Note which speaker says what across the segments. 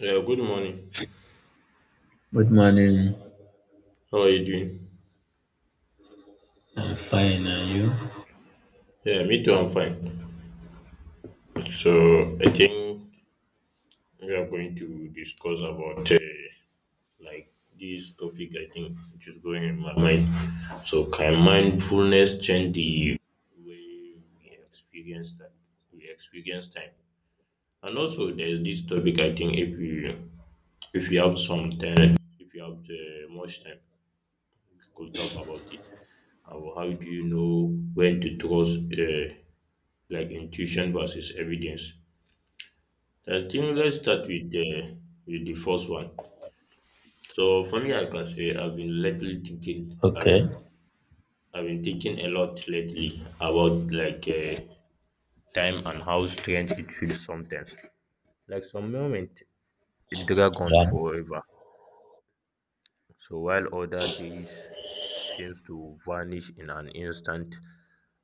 Speaker 1: Yeah, good morning.
Speaker 2: Good morning.
Speaker 1: How are you doing?
Speaker 2: I'm fine, are you?
Speaker 1: Yeah, me too. I'm fine. So I think we are going to discuss about like this topic, I think, which is going in my mind. So can mindfulness change the way we experience time? And also, there's this topic, I think. If you have some time, if you have much time, we could talk about it. How do you know when to trust, like, intuition versus evidence? I think let's start with the first one. So for me, I can say I've been lately thinking.
Speaker 2: Okay.
Speaker 1: I've been thinking a lot lately about like time and how strange it feels sometimes. Like some moment, it drag on
Speaker 2: Yeah.
Speaker 1: forever, so while other days seems to vanish in an instant.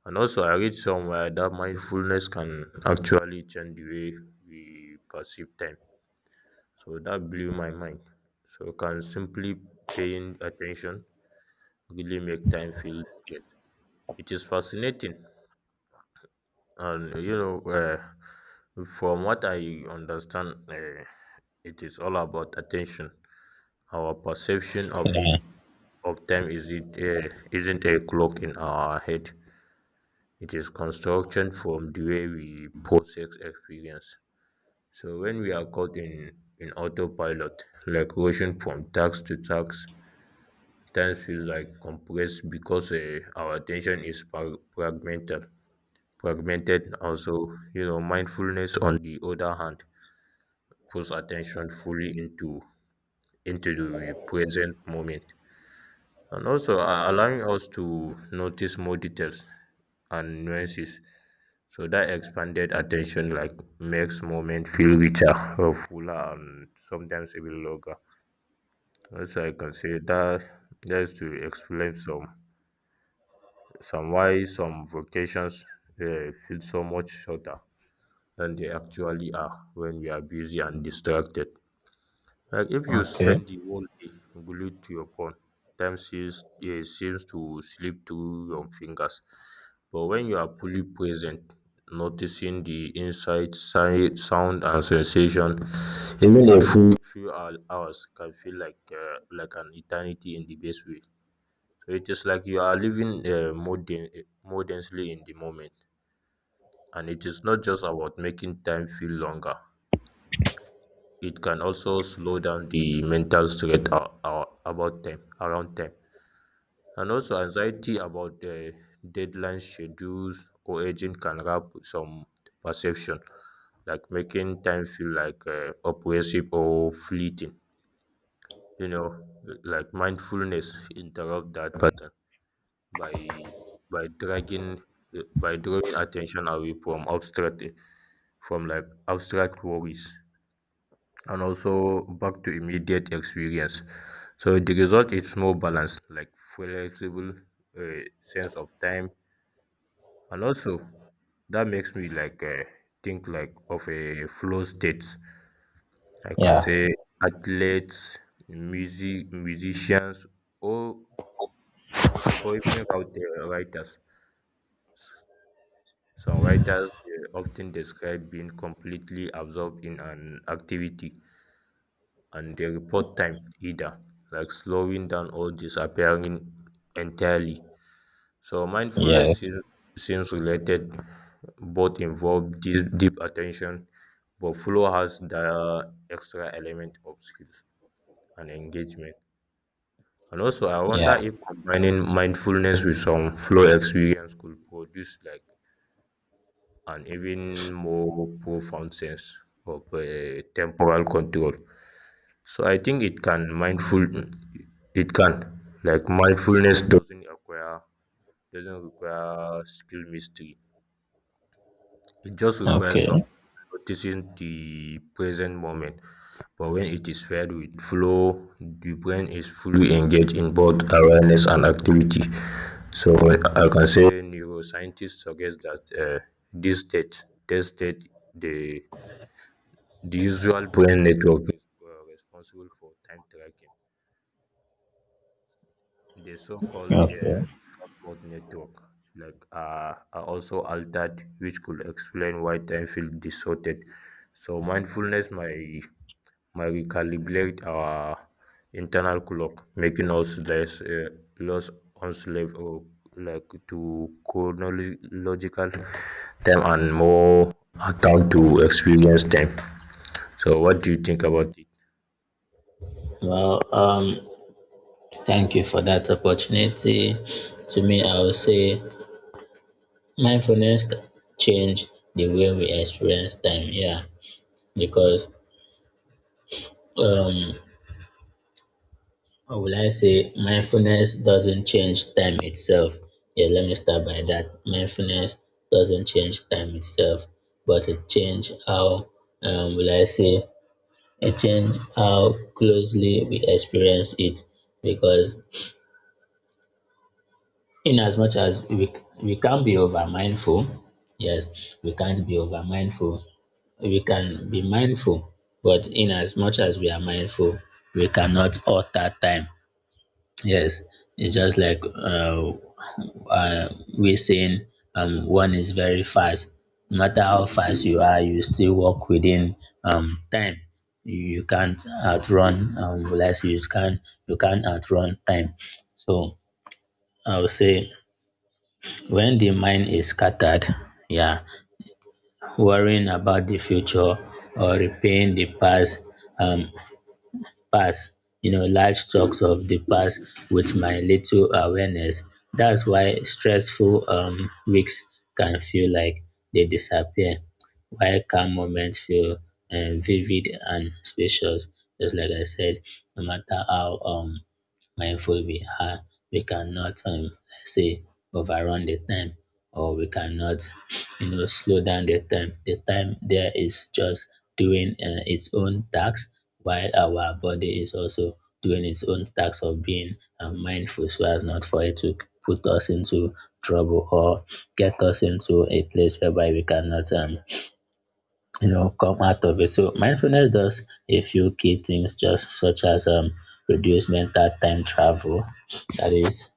Speaker 1: And also I read somewhere that mindfulness can actually change the way we perceive time. So that blew my mind. So can simply paying attention really make time feel different? It is fascinating. And you know, from what I understand, it is all about attention. Our perception
Speaker 2: Yeah.
Speaker 1: of time is isn't a clock in our head. It is construction from the way we process experience. So when we are caught in autopilot, like rushing from task to task, time feels like compressed because our attention is fragmented. Fragmented also, you know, mindfulness on the other hand puts attention fully into the present moment, and also allowing us to notice more details and nuances. So that expanded attention like makes moment feel richer, or fuller, and sometimes even longer. Also, I can say that just to explain some why some vacations feel so much shorter than they actually are when we are busy and distracted. Like if you
Speaker 2: Okay.
Speaker 1: spend the whole day glued to your phone, time seems, seems to slip through your fingers. But when you are fully present, noticing the insight, sight, sound, and sensation, even a few hours can feel like an eternity in the best way. So it is like you are living more, more densely in the moment, and it is not just about making time feel longer, it can also slow down the mental stress a- about time around time, and also anxiety about deadlines, schedules, or aging can wrap some perception, like making time feel like oppressive or fleeting, you know, like mindfulness interrupt that pattern by by dragging by drawing attention away from abstract, from like abstract worries, and also back to immediate experience. So the result is more balanced, like flexible, uh, sense of time, and also that makes me like think like of a flow state. I can
Speaker 2: Yeah.
Speaker 1: say athletes, musicians, or or even out there writers. Some writers often describe being completely absorbed in an activity, and they report time either like slowing down or disappearing entirely. So mindfulness
Speaker 2: Yeah.
Speaker 1: seems related. Both involve deep attention, but flow has the extra element of skills and engagement. And also, I wonder
Speaker 2: Yeah.
Speaker 1: if combining mindfulness with some flow experience could produce like an even more profound sense of temporal control. So I think it can mindful, it can like mindfulness doesn't require skill mystery. It just requires some
Speaker 2: Okay.
Speaker 1: noticing the present moment, but when it is paired with flow, the brain is fully engaged in both awareness and activity. So I can say neuroscientists suggest that this state, the the usual brain network is responsible for time tracking. The so-called
Speaker 2: Okay.
Speaker 1: default mode network, like are also altered, which could explain why time feels distorted. So mindfulness might recalibrate our internal clock, making us less enslaved or like to chronological time and more account to experience time. So, what do you think about it?
Speaker 2: Well, thank you for that opportunity. To me, I would say mindfulness can change the way we experience time. Yeah, because, um, Or will I say mindfulness doesn't change time itself? Yeah, let me start by that. Mindfulness doesn't change time itself, but it change how, will I say, it change how closely we experience it. Because in as much as we can't be over mindful, yes, we can't be over mindful. We can be mindful, but in as much as we are mindful, we cannot alter time. Yes, it's just like, uh, we're saying, one is very fast. No matter how fast you are, you still work within time. You can't outrun. Let's You can't outrun time. So I would say, when the mind is scattered, yeah, worrying about the future or repaying the past, um, past large chunks of the past with my little awareness. That's why stressful weeks can feel like they disappear, while calm moments feel vivid and spacious. Just like I said, no matter how mindful we are, we cannot say overrun the time, or we cannot slow down the time. The time there is just doing its own task, while our body is also doing its own task of being mindful, so as not for it to put us into trouble or get us into a place whereby we cannot, come out of it. So mindfulness does a few key things, just such as reduce mental time travel. That is,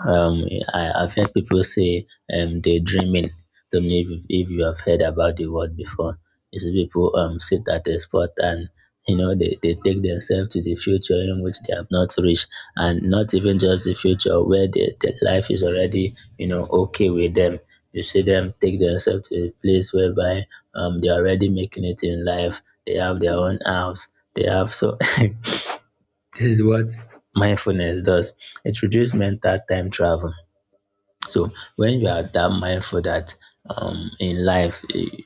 Speaker 2: um, I've heard people say, daydreaming. Don't know if, if you have heard about the word before. You see people sit at a spot, and they take themselves to the future, in which they have not reached, and not even just the future where the life is already okay with them. You see them take themselves to a place whereby they're already making it in life, they have their own house, they have so this is what mindfulness does. It reduces mental time travel. So when you are that mindful, that in life,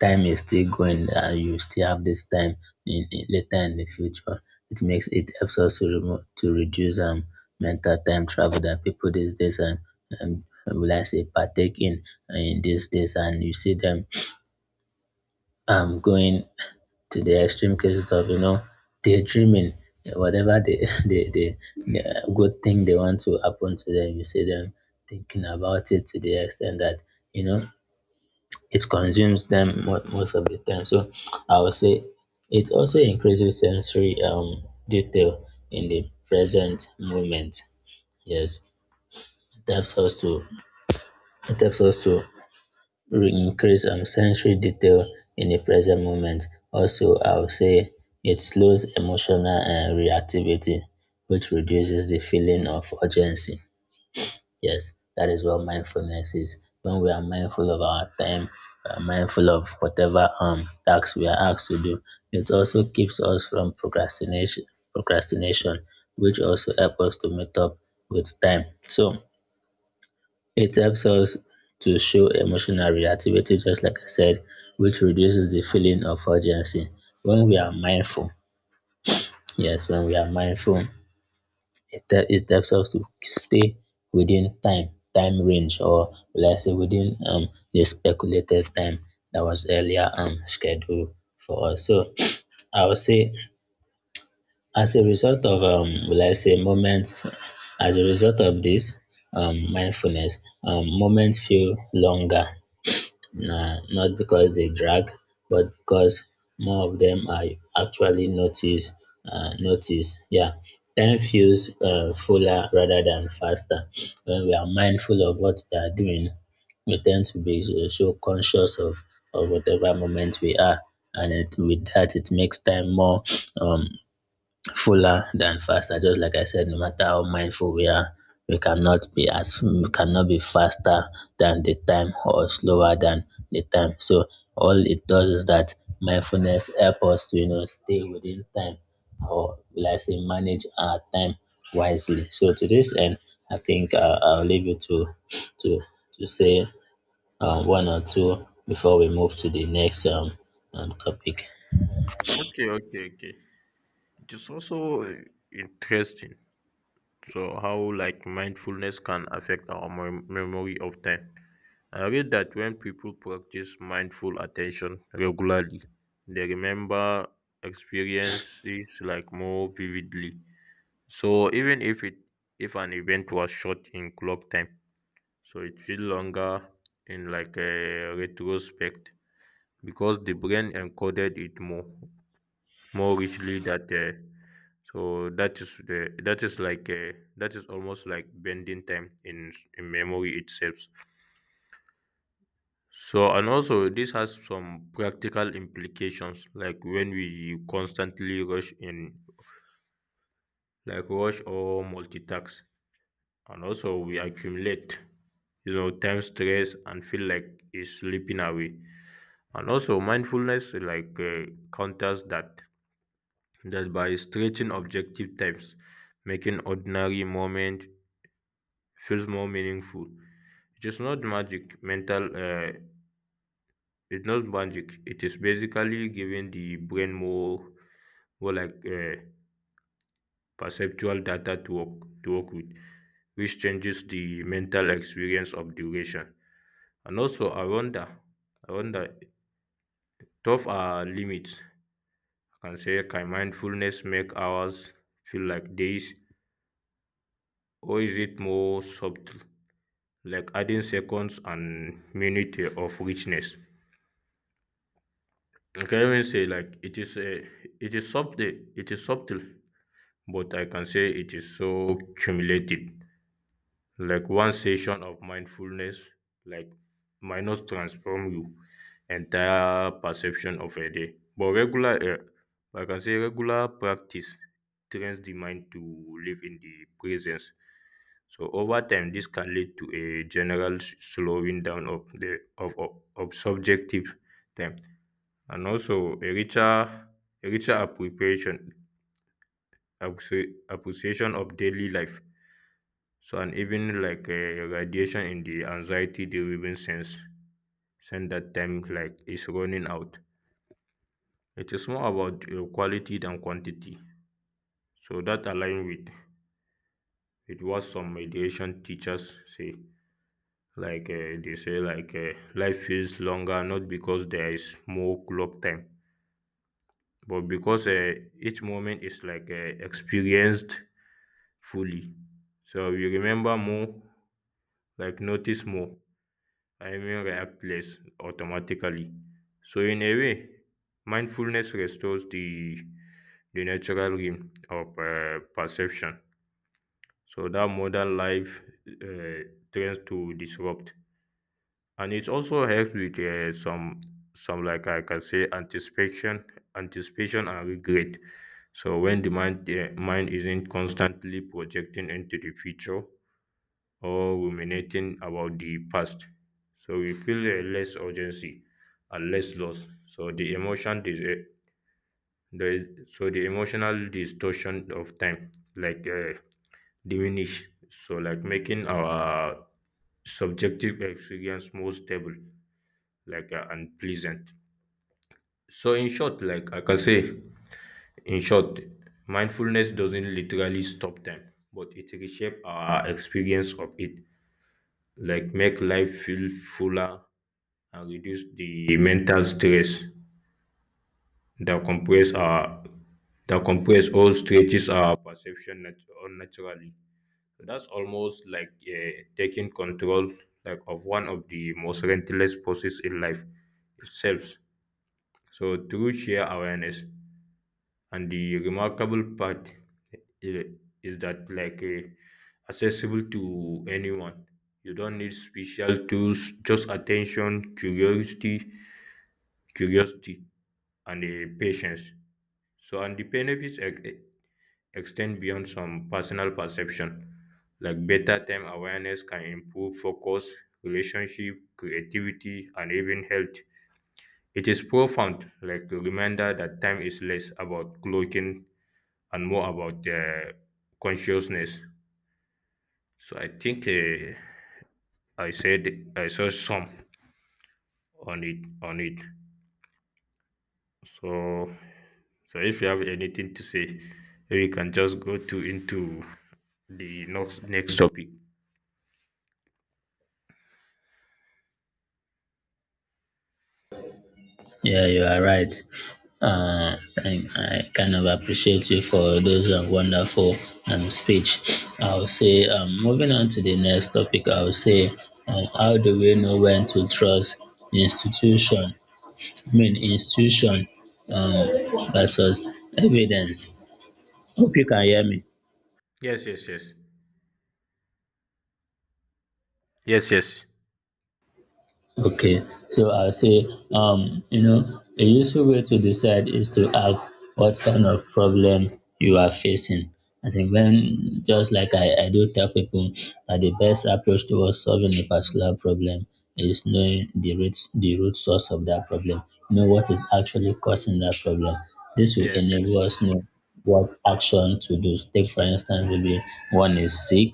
Speaker 2: time is still going, and you still have this time later in the future, it helps us to reduce mental time travel that people these days, and, will I say, partake in these days. And you see them going to the extreme cases of, daydreaming, whatever the the, the the good thing they want to happen to them. You see them thinking about it to the extent that, you know it consumes them most of the time. So I would say, it also increases sensory detail in the present moment. Yes, it helps us to it helps us to increase sensory detail in the present moment. Also, I would say, it slows emotional reactivity, which reduces the feeling of urgency. Yes, that is what mindfulness is. When we are mindful of our time, we are mindful of whatever tasks we are asked to do. It also keeps us from procrastination, which also helps us to meet up with time. So it helps us to show emotional reactivity, just like I said, which reduces the feeling of urgency. When we are mindful, yes, when we are mindful, it helps us to stay within time range, or let's say within the speculated time that was earlier scheduled for us. So I would say, as a result of, will I say, moments, as a result of this mindfulness, moments feel longer. Nah, not because they drag, but because more of them are actually notice. Noticed. Yeah, time feels fuller rather than faster. When we are mindful of what we are doing, we tend to be so conscious of whatever moment we are, and it, with that, it makes time more, um, fuller than faster. Just like I said, no matter how mindful we are, we cannot be faster than the time, or slower than the time. So all it does is that mindfulness help us to, stay within time, or will I say, manage our time wisely. So to this end, I think, I'll leave you to to say, one or two, before we move to the next topic.
Speaker 1: Okay, okay, okay. It is also interesting. So how like mindfulness can affect our memory of time. I read that when people practice mindful attention regularly, they remember experiences like more vividly. So even if an event was short in clock time, so it feels longer in like a retrospect because the brain encoded it more richly that so that is the that is like a that is almost like bending time in memory itself. So, and also this has some practical implications, like when we constantly like rush or multitask, and also we accumulate, you know, time stress and feel like it's slipping away. And also mindfulness like counters that by stretching objective types, making ordinary moment feels more meaningful. It is not magic, mental, it's not magic. It is basically giving the brain more or like perceptual data to work with, which changes the mental experience of duration. And also, I wonder, tough are limits. I can say, can mindfulness make hours feel like days, or is it more subtle, like adding seconds and minute of richness? I can even say like it is subtle, but I can say it is so cumulative. Like one session of mindfulness like might not transform you entire perception of a day, but I can say regular practice trains the mind to live in the presence. So over time this can lead to a general slowing down of of subjective time, and also a richer appreciation of daily life. So and even like radiation in the anxiety driven sense that time like is running out. It is more about quality than quantity. So that align with what some mediation teachers say, like they say like life feels longer not because there is more clock time, but because each moment is like experienced fully. So we remember more, like notice more, I mean react less automatically. So in a way, mindfulness restores the natural realm of perception, so that modern life uh, tends to disrupt, and it also helps with some like I can say anticipation and regret. So when the mind isn't constantly projecting into the future, or ruminating about the past. So we feel a less urgency and less loss. So the emotional distortion of time like diminish, so like making our subjective experience more stable, like and pleasant. So in short, in short, mindfulness doesn't literally stop time, but it reshapes our experience of it. Like make life feel fuller and reduce the mental stress that compress our that compress all stretches our perception unnaturally. That's almost like taking control like of one of the most relentless forces in life itself. So through sheer awareness, and the remarkable part i- is that like accessible to anyone. You don't need special tools, just attention curiosity curiosity and patience. So and the benefits extend beyond some personal perception, like better time awareness can improve focus, relationship, creativity, and even health. It is profound, like a reminder that time is less about clocking and more about the consciousness. So I think I said I saw some on it. So, so if you have anything to say, we can just go to into the next topic.
Speaker 2: Yeah, you are right. Uh, I kind of appreciate you for those wonderful speech. I'll say, moving on to the next topic, I'll say, how do we know when to trust institution? I mean, institution, um, versus evidence. Hope you can hear me.
Speaker 1: Yes, yes, yes, yes, yes,
Speaker 2: Okay, so I'll say, a useful way to decide is to ask what kind of problem you are facing. I think when, just like I do tell people, that the best approach towards solving a particular problem is knowing the root source of that problem. Know what is actually causing that problem. This will
Speaker 1: yes, yes.
Speaker 2: enable us know what action to do. Take, for instance, maybe one is sick.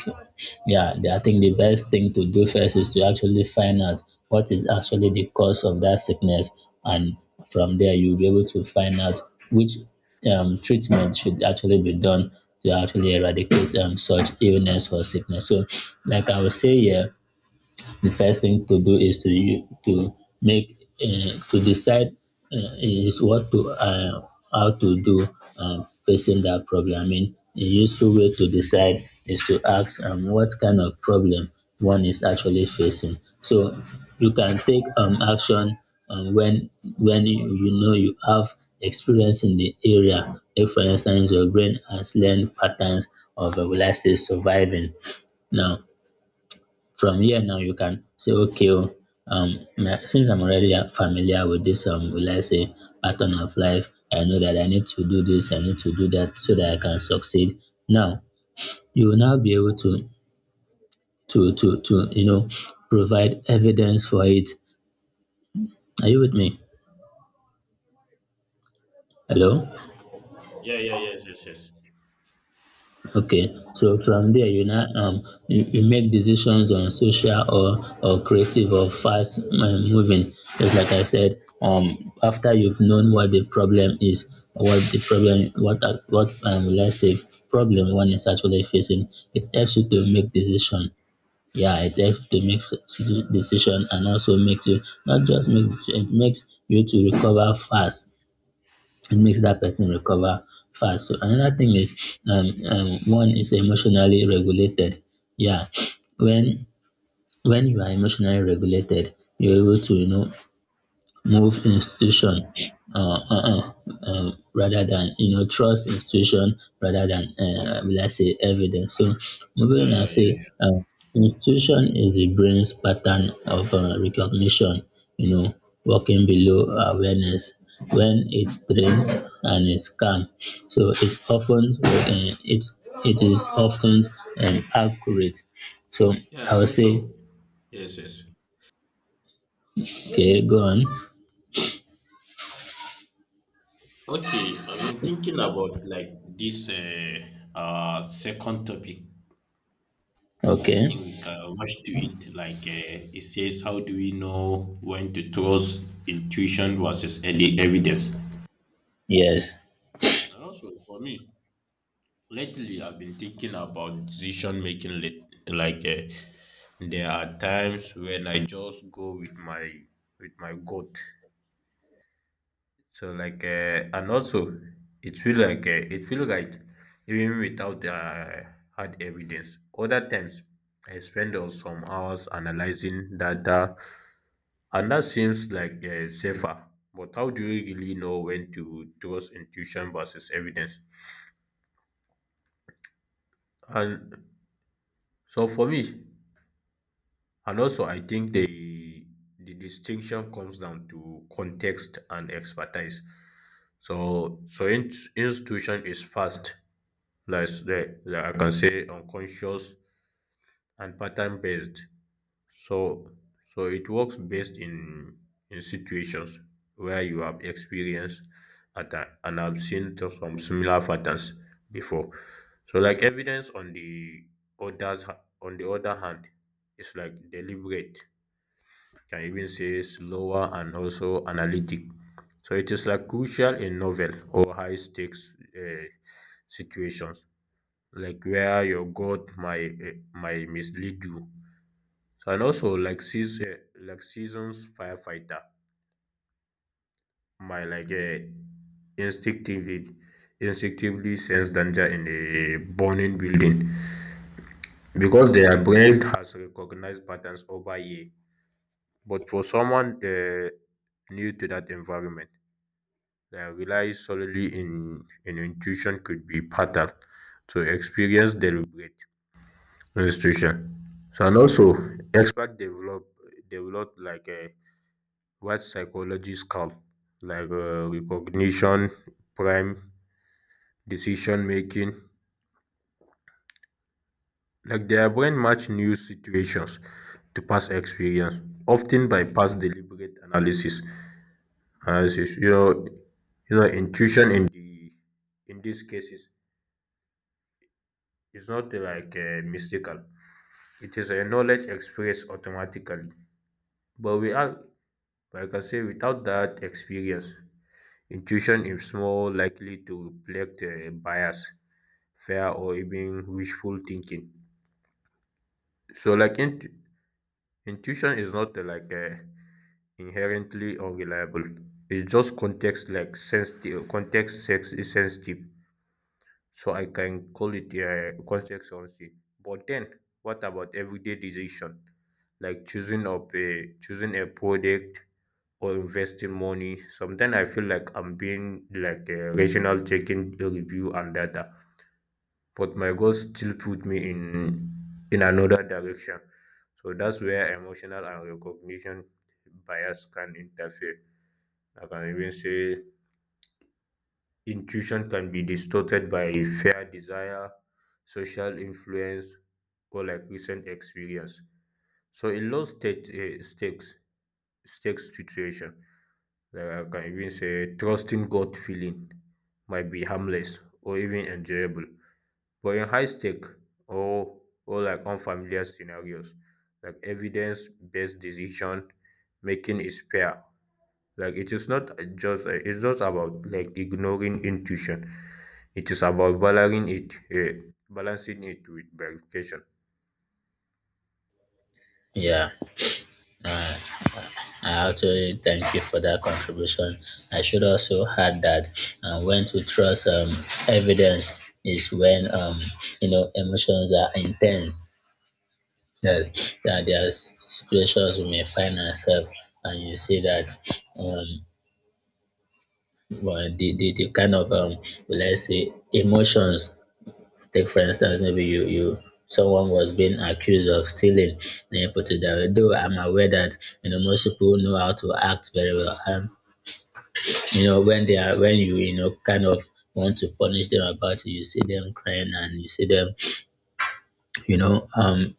Speaker 2: Yeah, I think the best thing to do first is to actually find out what is actually the cause of that sickness, and from there you'll be able to find out which treatment should actually be done to actually eradicate such illness or sickness. So, like I was saying, yeah, the first thing to do is to you to make, to decide, is what to, how to do, facing that problem. I mean, a useful way to decide is to ask what kind of problem one is actually facing. So you can take action when you know you have experience in the area. If, for instance, your brain has learned patterns of, will I say, surviving. Now, from here now you can say, okay, oh, since I'm already familiar with this, will I say, pattern of life, I know that I need to do this, I need to do that, so that I can succeed. Now, you will now be able to, provide evidence for it. Are you with me? Hello?
Speaker 1: Yeah, yeah, yes, yes, yes.
Speaker 2: Okay, so from there you now you make decisions on social, or creative, or fast moving. Just like I said, after you've known what the problem is, what let's say, problem one is actually facing, it helps you to
Speaker 1: Yeah,
Speaker 2: make decision. Yeah, it helps to make decision, and also makes you, not just makes it, makes you to recover fast, it makes that person recover fast. So another thing is, one is emotionally regulated. Yeah, when you are emotionally regulated, you're able to, move institution, uh, uh, uh, rather than, trust institution, rather than, will I say, evidence. So moving
Speaker 1: yeah,
Speaker 2: on, I
Speaker 1: yeah,
Speaker 2: say,
Speaker 1: yeah.
Speaker 2: institution is the brain's pattern of, recognition. You know, working below awareness, when it's trained and it's calm. So it's often, it is often, accurate. So
Speaker 1: Yeah,
Speaker 2: I
Speaker 1: and
Speaker 2: will say,
Speaker 1: also, yes, yes.
Speaker 2: okay, go on.
Speaker 1: Okay, I've been thinking about like this second topic. So I
Speaker 2: Okay,
Speaker 1: think we can rush to it. Like it says, how do we know when to trust intuition versus early evidence?
Speaker 2: yes,
Speaker 1: And also for me, lately I've been thinking about decision making. Late, like there are times when I just go with my gut. So like and also it feel right even without hard evidence. Other times I spend some hours analyzing data, and that seems like safer. But how do you really know when to trust intuition versus evidence? And so for me, and also I think the distinction comes down to context and expertise. So institution is fast, like, like I can say unconscious and pattern based. So, so it works best in situations where you have experienced and have seen to some similar patterns before. So, like evidence on on the other hand, it's like deliberate. Can even say slower and also analytic. So it is like crucial in novel or high stakes situations, like where your gut might mislead you, and also like like seasons firefighter my like instinctively instinctively sense danger in a burning building because their brain has recognized patterns over year. But for someone new to that environment, that relies solely in intuition could be fatal to experience deliberate institution. So and also expert develop like a what psychology's call, like recognition, prime, decision making. Like their brain match new situations to past experience, often by past deliberate analysis. Analysis, you know, intuition in the in these cases is not like mystical. It is a knowledge expressed automatically, but we are, like I say, without that experience, intuition is more likely to reflect bias, fear, or even wishful thinking. So, intuition is not inherently unreliable. It's just context, like sensitive. Context sex is sensitive, so I can call it context sensitive. But then, what about everyday decision, like choosing a product or investing money. Sometimes I feel like I'm being like a rational taking a review and data, but my goals still put me in another direction. So that's where emotional and recognition bias can interfere. I can even say intuition can be distorted by fear, desire, social influence, or like recent experience. So in low state stakes situation, like I can even say trusting gut feeling might be harmless or even enjoyable. But in high stake or or like unfamiliar scenarios, like evidence based decision making is fair. Like it's not about like ignoring intuition. It is about balancing it with verification.
Speaker 2: yeah. I actually thank you for that contribution. I should also add that, when to trust evidence is when, emotions are intense. Yes, that there are situations we may find ourselves, and you see that, um, well, the kind of, let's say, emotions. Take, for instance, maybe you you someone was being accused of stealing, then you put it that way. Though I'm aware that, most people know how to act very well. When they are when you know kind of want to punish them about it, you see them crying, and you see them, you know um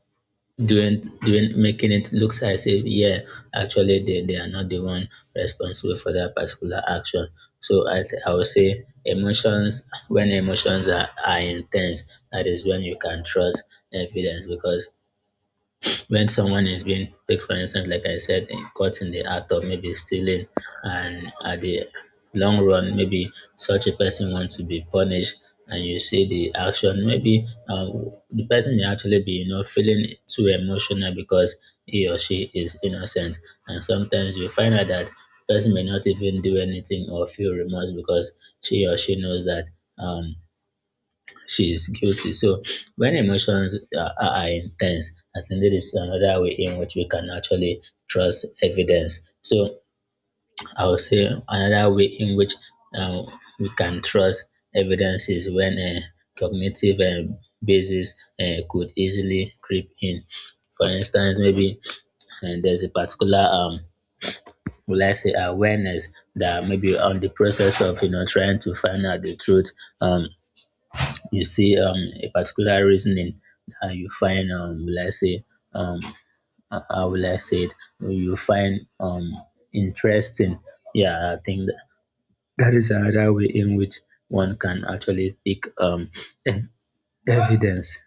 Speaker 2: doing, making it looks as if, yeah, actually they are not the one responsible for that particular action. So I would say, emotions, when emotions are intense, that is when you can trust evidence. Because when someone is being, like, for instance, like I said, caught in the act of maybe stealing, and at the long run, maybe such a person wants to be punished, and you see the action, maybe the person may actually be, you know, feeling too emotional, because he or she is innocent. And sometimes you find out that person may not even do anything, or feel remorse, because she or she knows that um she is guilty. So when emotions are intense, I think that is another way in which we can actually trust evidence. So I would say another way in which um, we can trust evidence is when a cognitive basis could easily creep in. For instance, maybe there's a particular will I say awareness that maybe on the process of you know trying to find out the truth um you see a particular reasoning that you find will I say um how will I say it, you find interesting. Yeah, I think that is another way in which one can actually pick ev- evidence,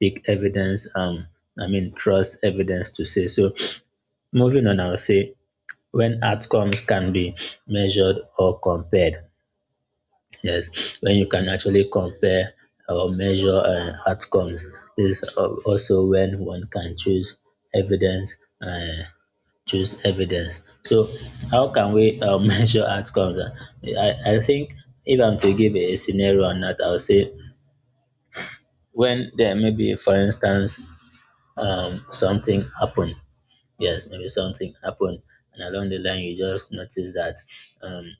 Speaker 2: pick evidence, I mean, trust evidence to say so. Moving on, I will say when outcomes can be measured or compared. Yes, when you can actually compare or measure outcomes. This is also when one can choose evidence, uh, choose evidence. So, how can we measure outcomes? I think if I'm to give a scenario on that, I'll say when there may be, for instance, something happened. Yes, maybe something happened, and along the line you just notice that um,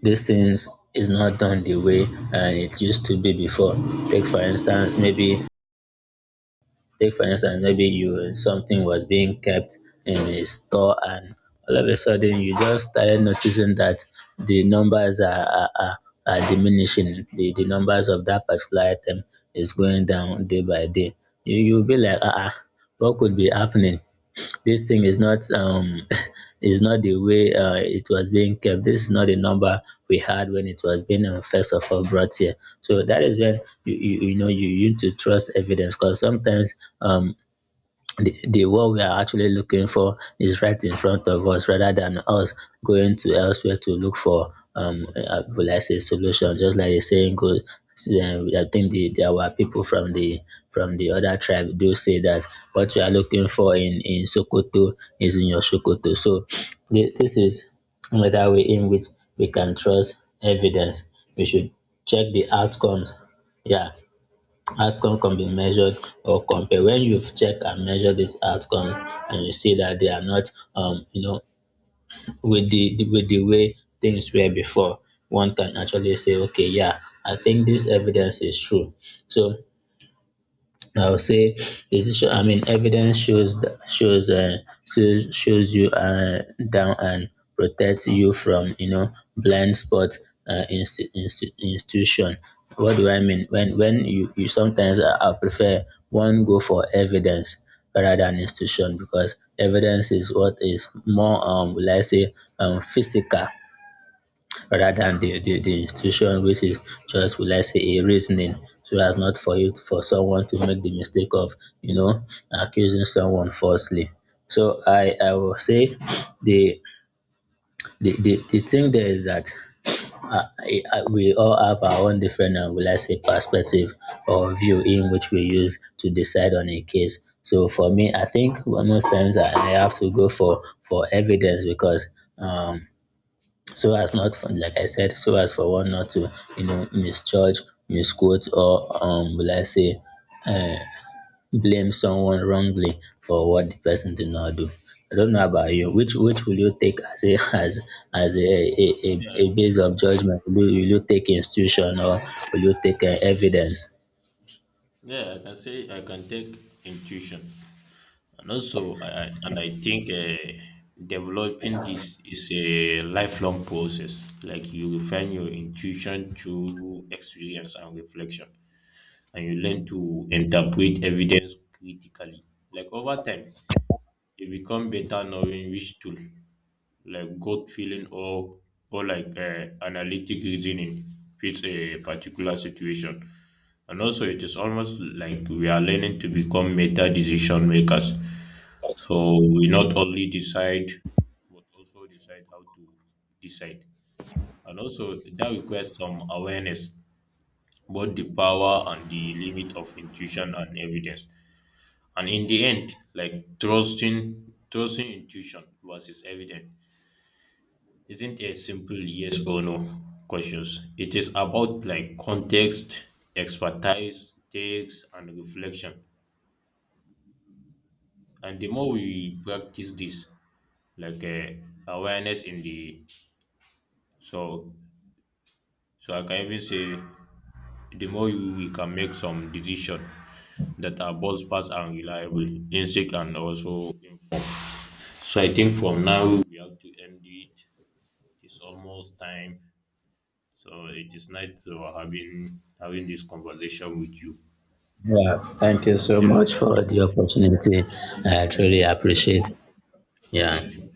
Speaker 2: these things is not done the way it used to be before. Take for instance, maybe you something was being kept in a store, and all of a sudden you just started noticing that the numbers are diminishing. The numbers of that particular item is going down day by day. You'll be like, ah, ah, what could be happening? This thing is not is not the way it was being kept. This is not the number we had when it was being first of all brought here. So that is when you know you need to trust evidence because sometimes um the what we are actually looking for is right in front of us rather than us going to elsewhere to look for will I say solution, just like the saying goes. See, I think the our people from the other tribe do say that what you are looking for in Sokoto is in your Sokoto. So this is another way in which we can trust evidence. We should check the outcomes. Yeah. Outcome can be measured or compared. When you check and measure these outcomes and you see that they are not, you know, with the with the way things were before, one can actually say, okay, yeah, I think this evidence is true. So I would say decision. I mean, evidence shows shows shows you down and protects you from, you know, blind spot institution. What do I mean? When when you sometimes I prefer one go for evidence rather than institution because evidence is what is more will I say physical rather than the institution, which is just will I say a reasoning, so as not for you for someone to make the mistake of, you know, accusing someone falsely. So I will say the the thing there is that we all have our own different will I say perspective or view in which we use to decide on a case. So for me, I think most times I have to go for evidence because um so as not for, like I said, so as for one not to, you know, misjudge, misquote, or will I say, uh, blame someone wrongly for what the person did not do. I don't know about you. Which will you take as a as as a a, a,
Speaker 1: Yeah,
Speaker 2: a base of judgment? Will you take institution or will you take evidence?
Speaker 1: yeah, I can say I can take intuition. And also, and I think developing this is a lifelong process. Like you refine your intuition through experience and reflection, and you learn to interpret evidence critically. Like over time, you become better knowing which tool, like gut feeling or like analytic reasoning, fits a particular situation. And also it is almost like we are learning to become meta decision makers. So we not only decide, but also decide how to decide. And also that requires some awareness, both the power and the limit of intuition and evidence. And in the end, like trusting intuition versus evidence isn't a simple yes or no questions. It is about like context, expertise, takes, and reflection. And the more we practice this, like awareness in the, so so I can even say the more we can make some decision that are both fast and reliable, insect. And also, so I think from now we have to end it. It's almost time. So it is nice having this conversation with you.
Speaker 2: Yeah. Thank you so
Speaker 1: Yeah.
Speaker 2: much
Speaker 1: Thank you.
Speaker 2: for the opportunity. I
Speaker 1: Thank
Speaker 2: truly
Speaker 1: you so much.
Speaker 2: appreciate. Yeah.
Speaker 1: Thank you.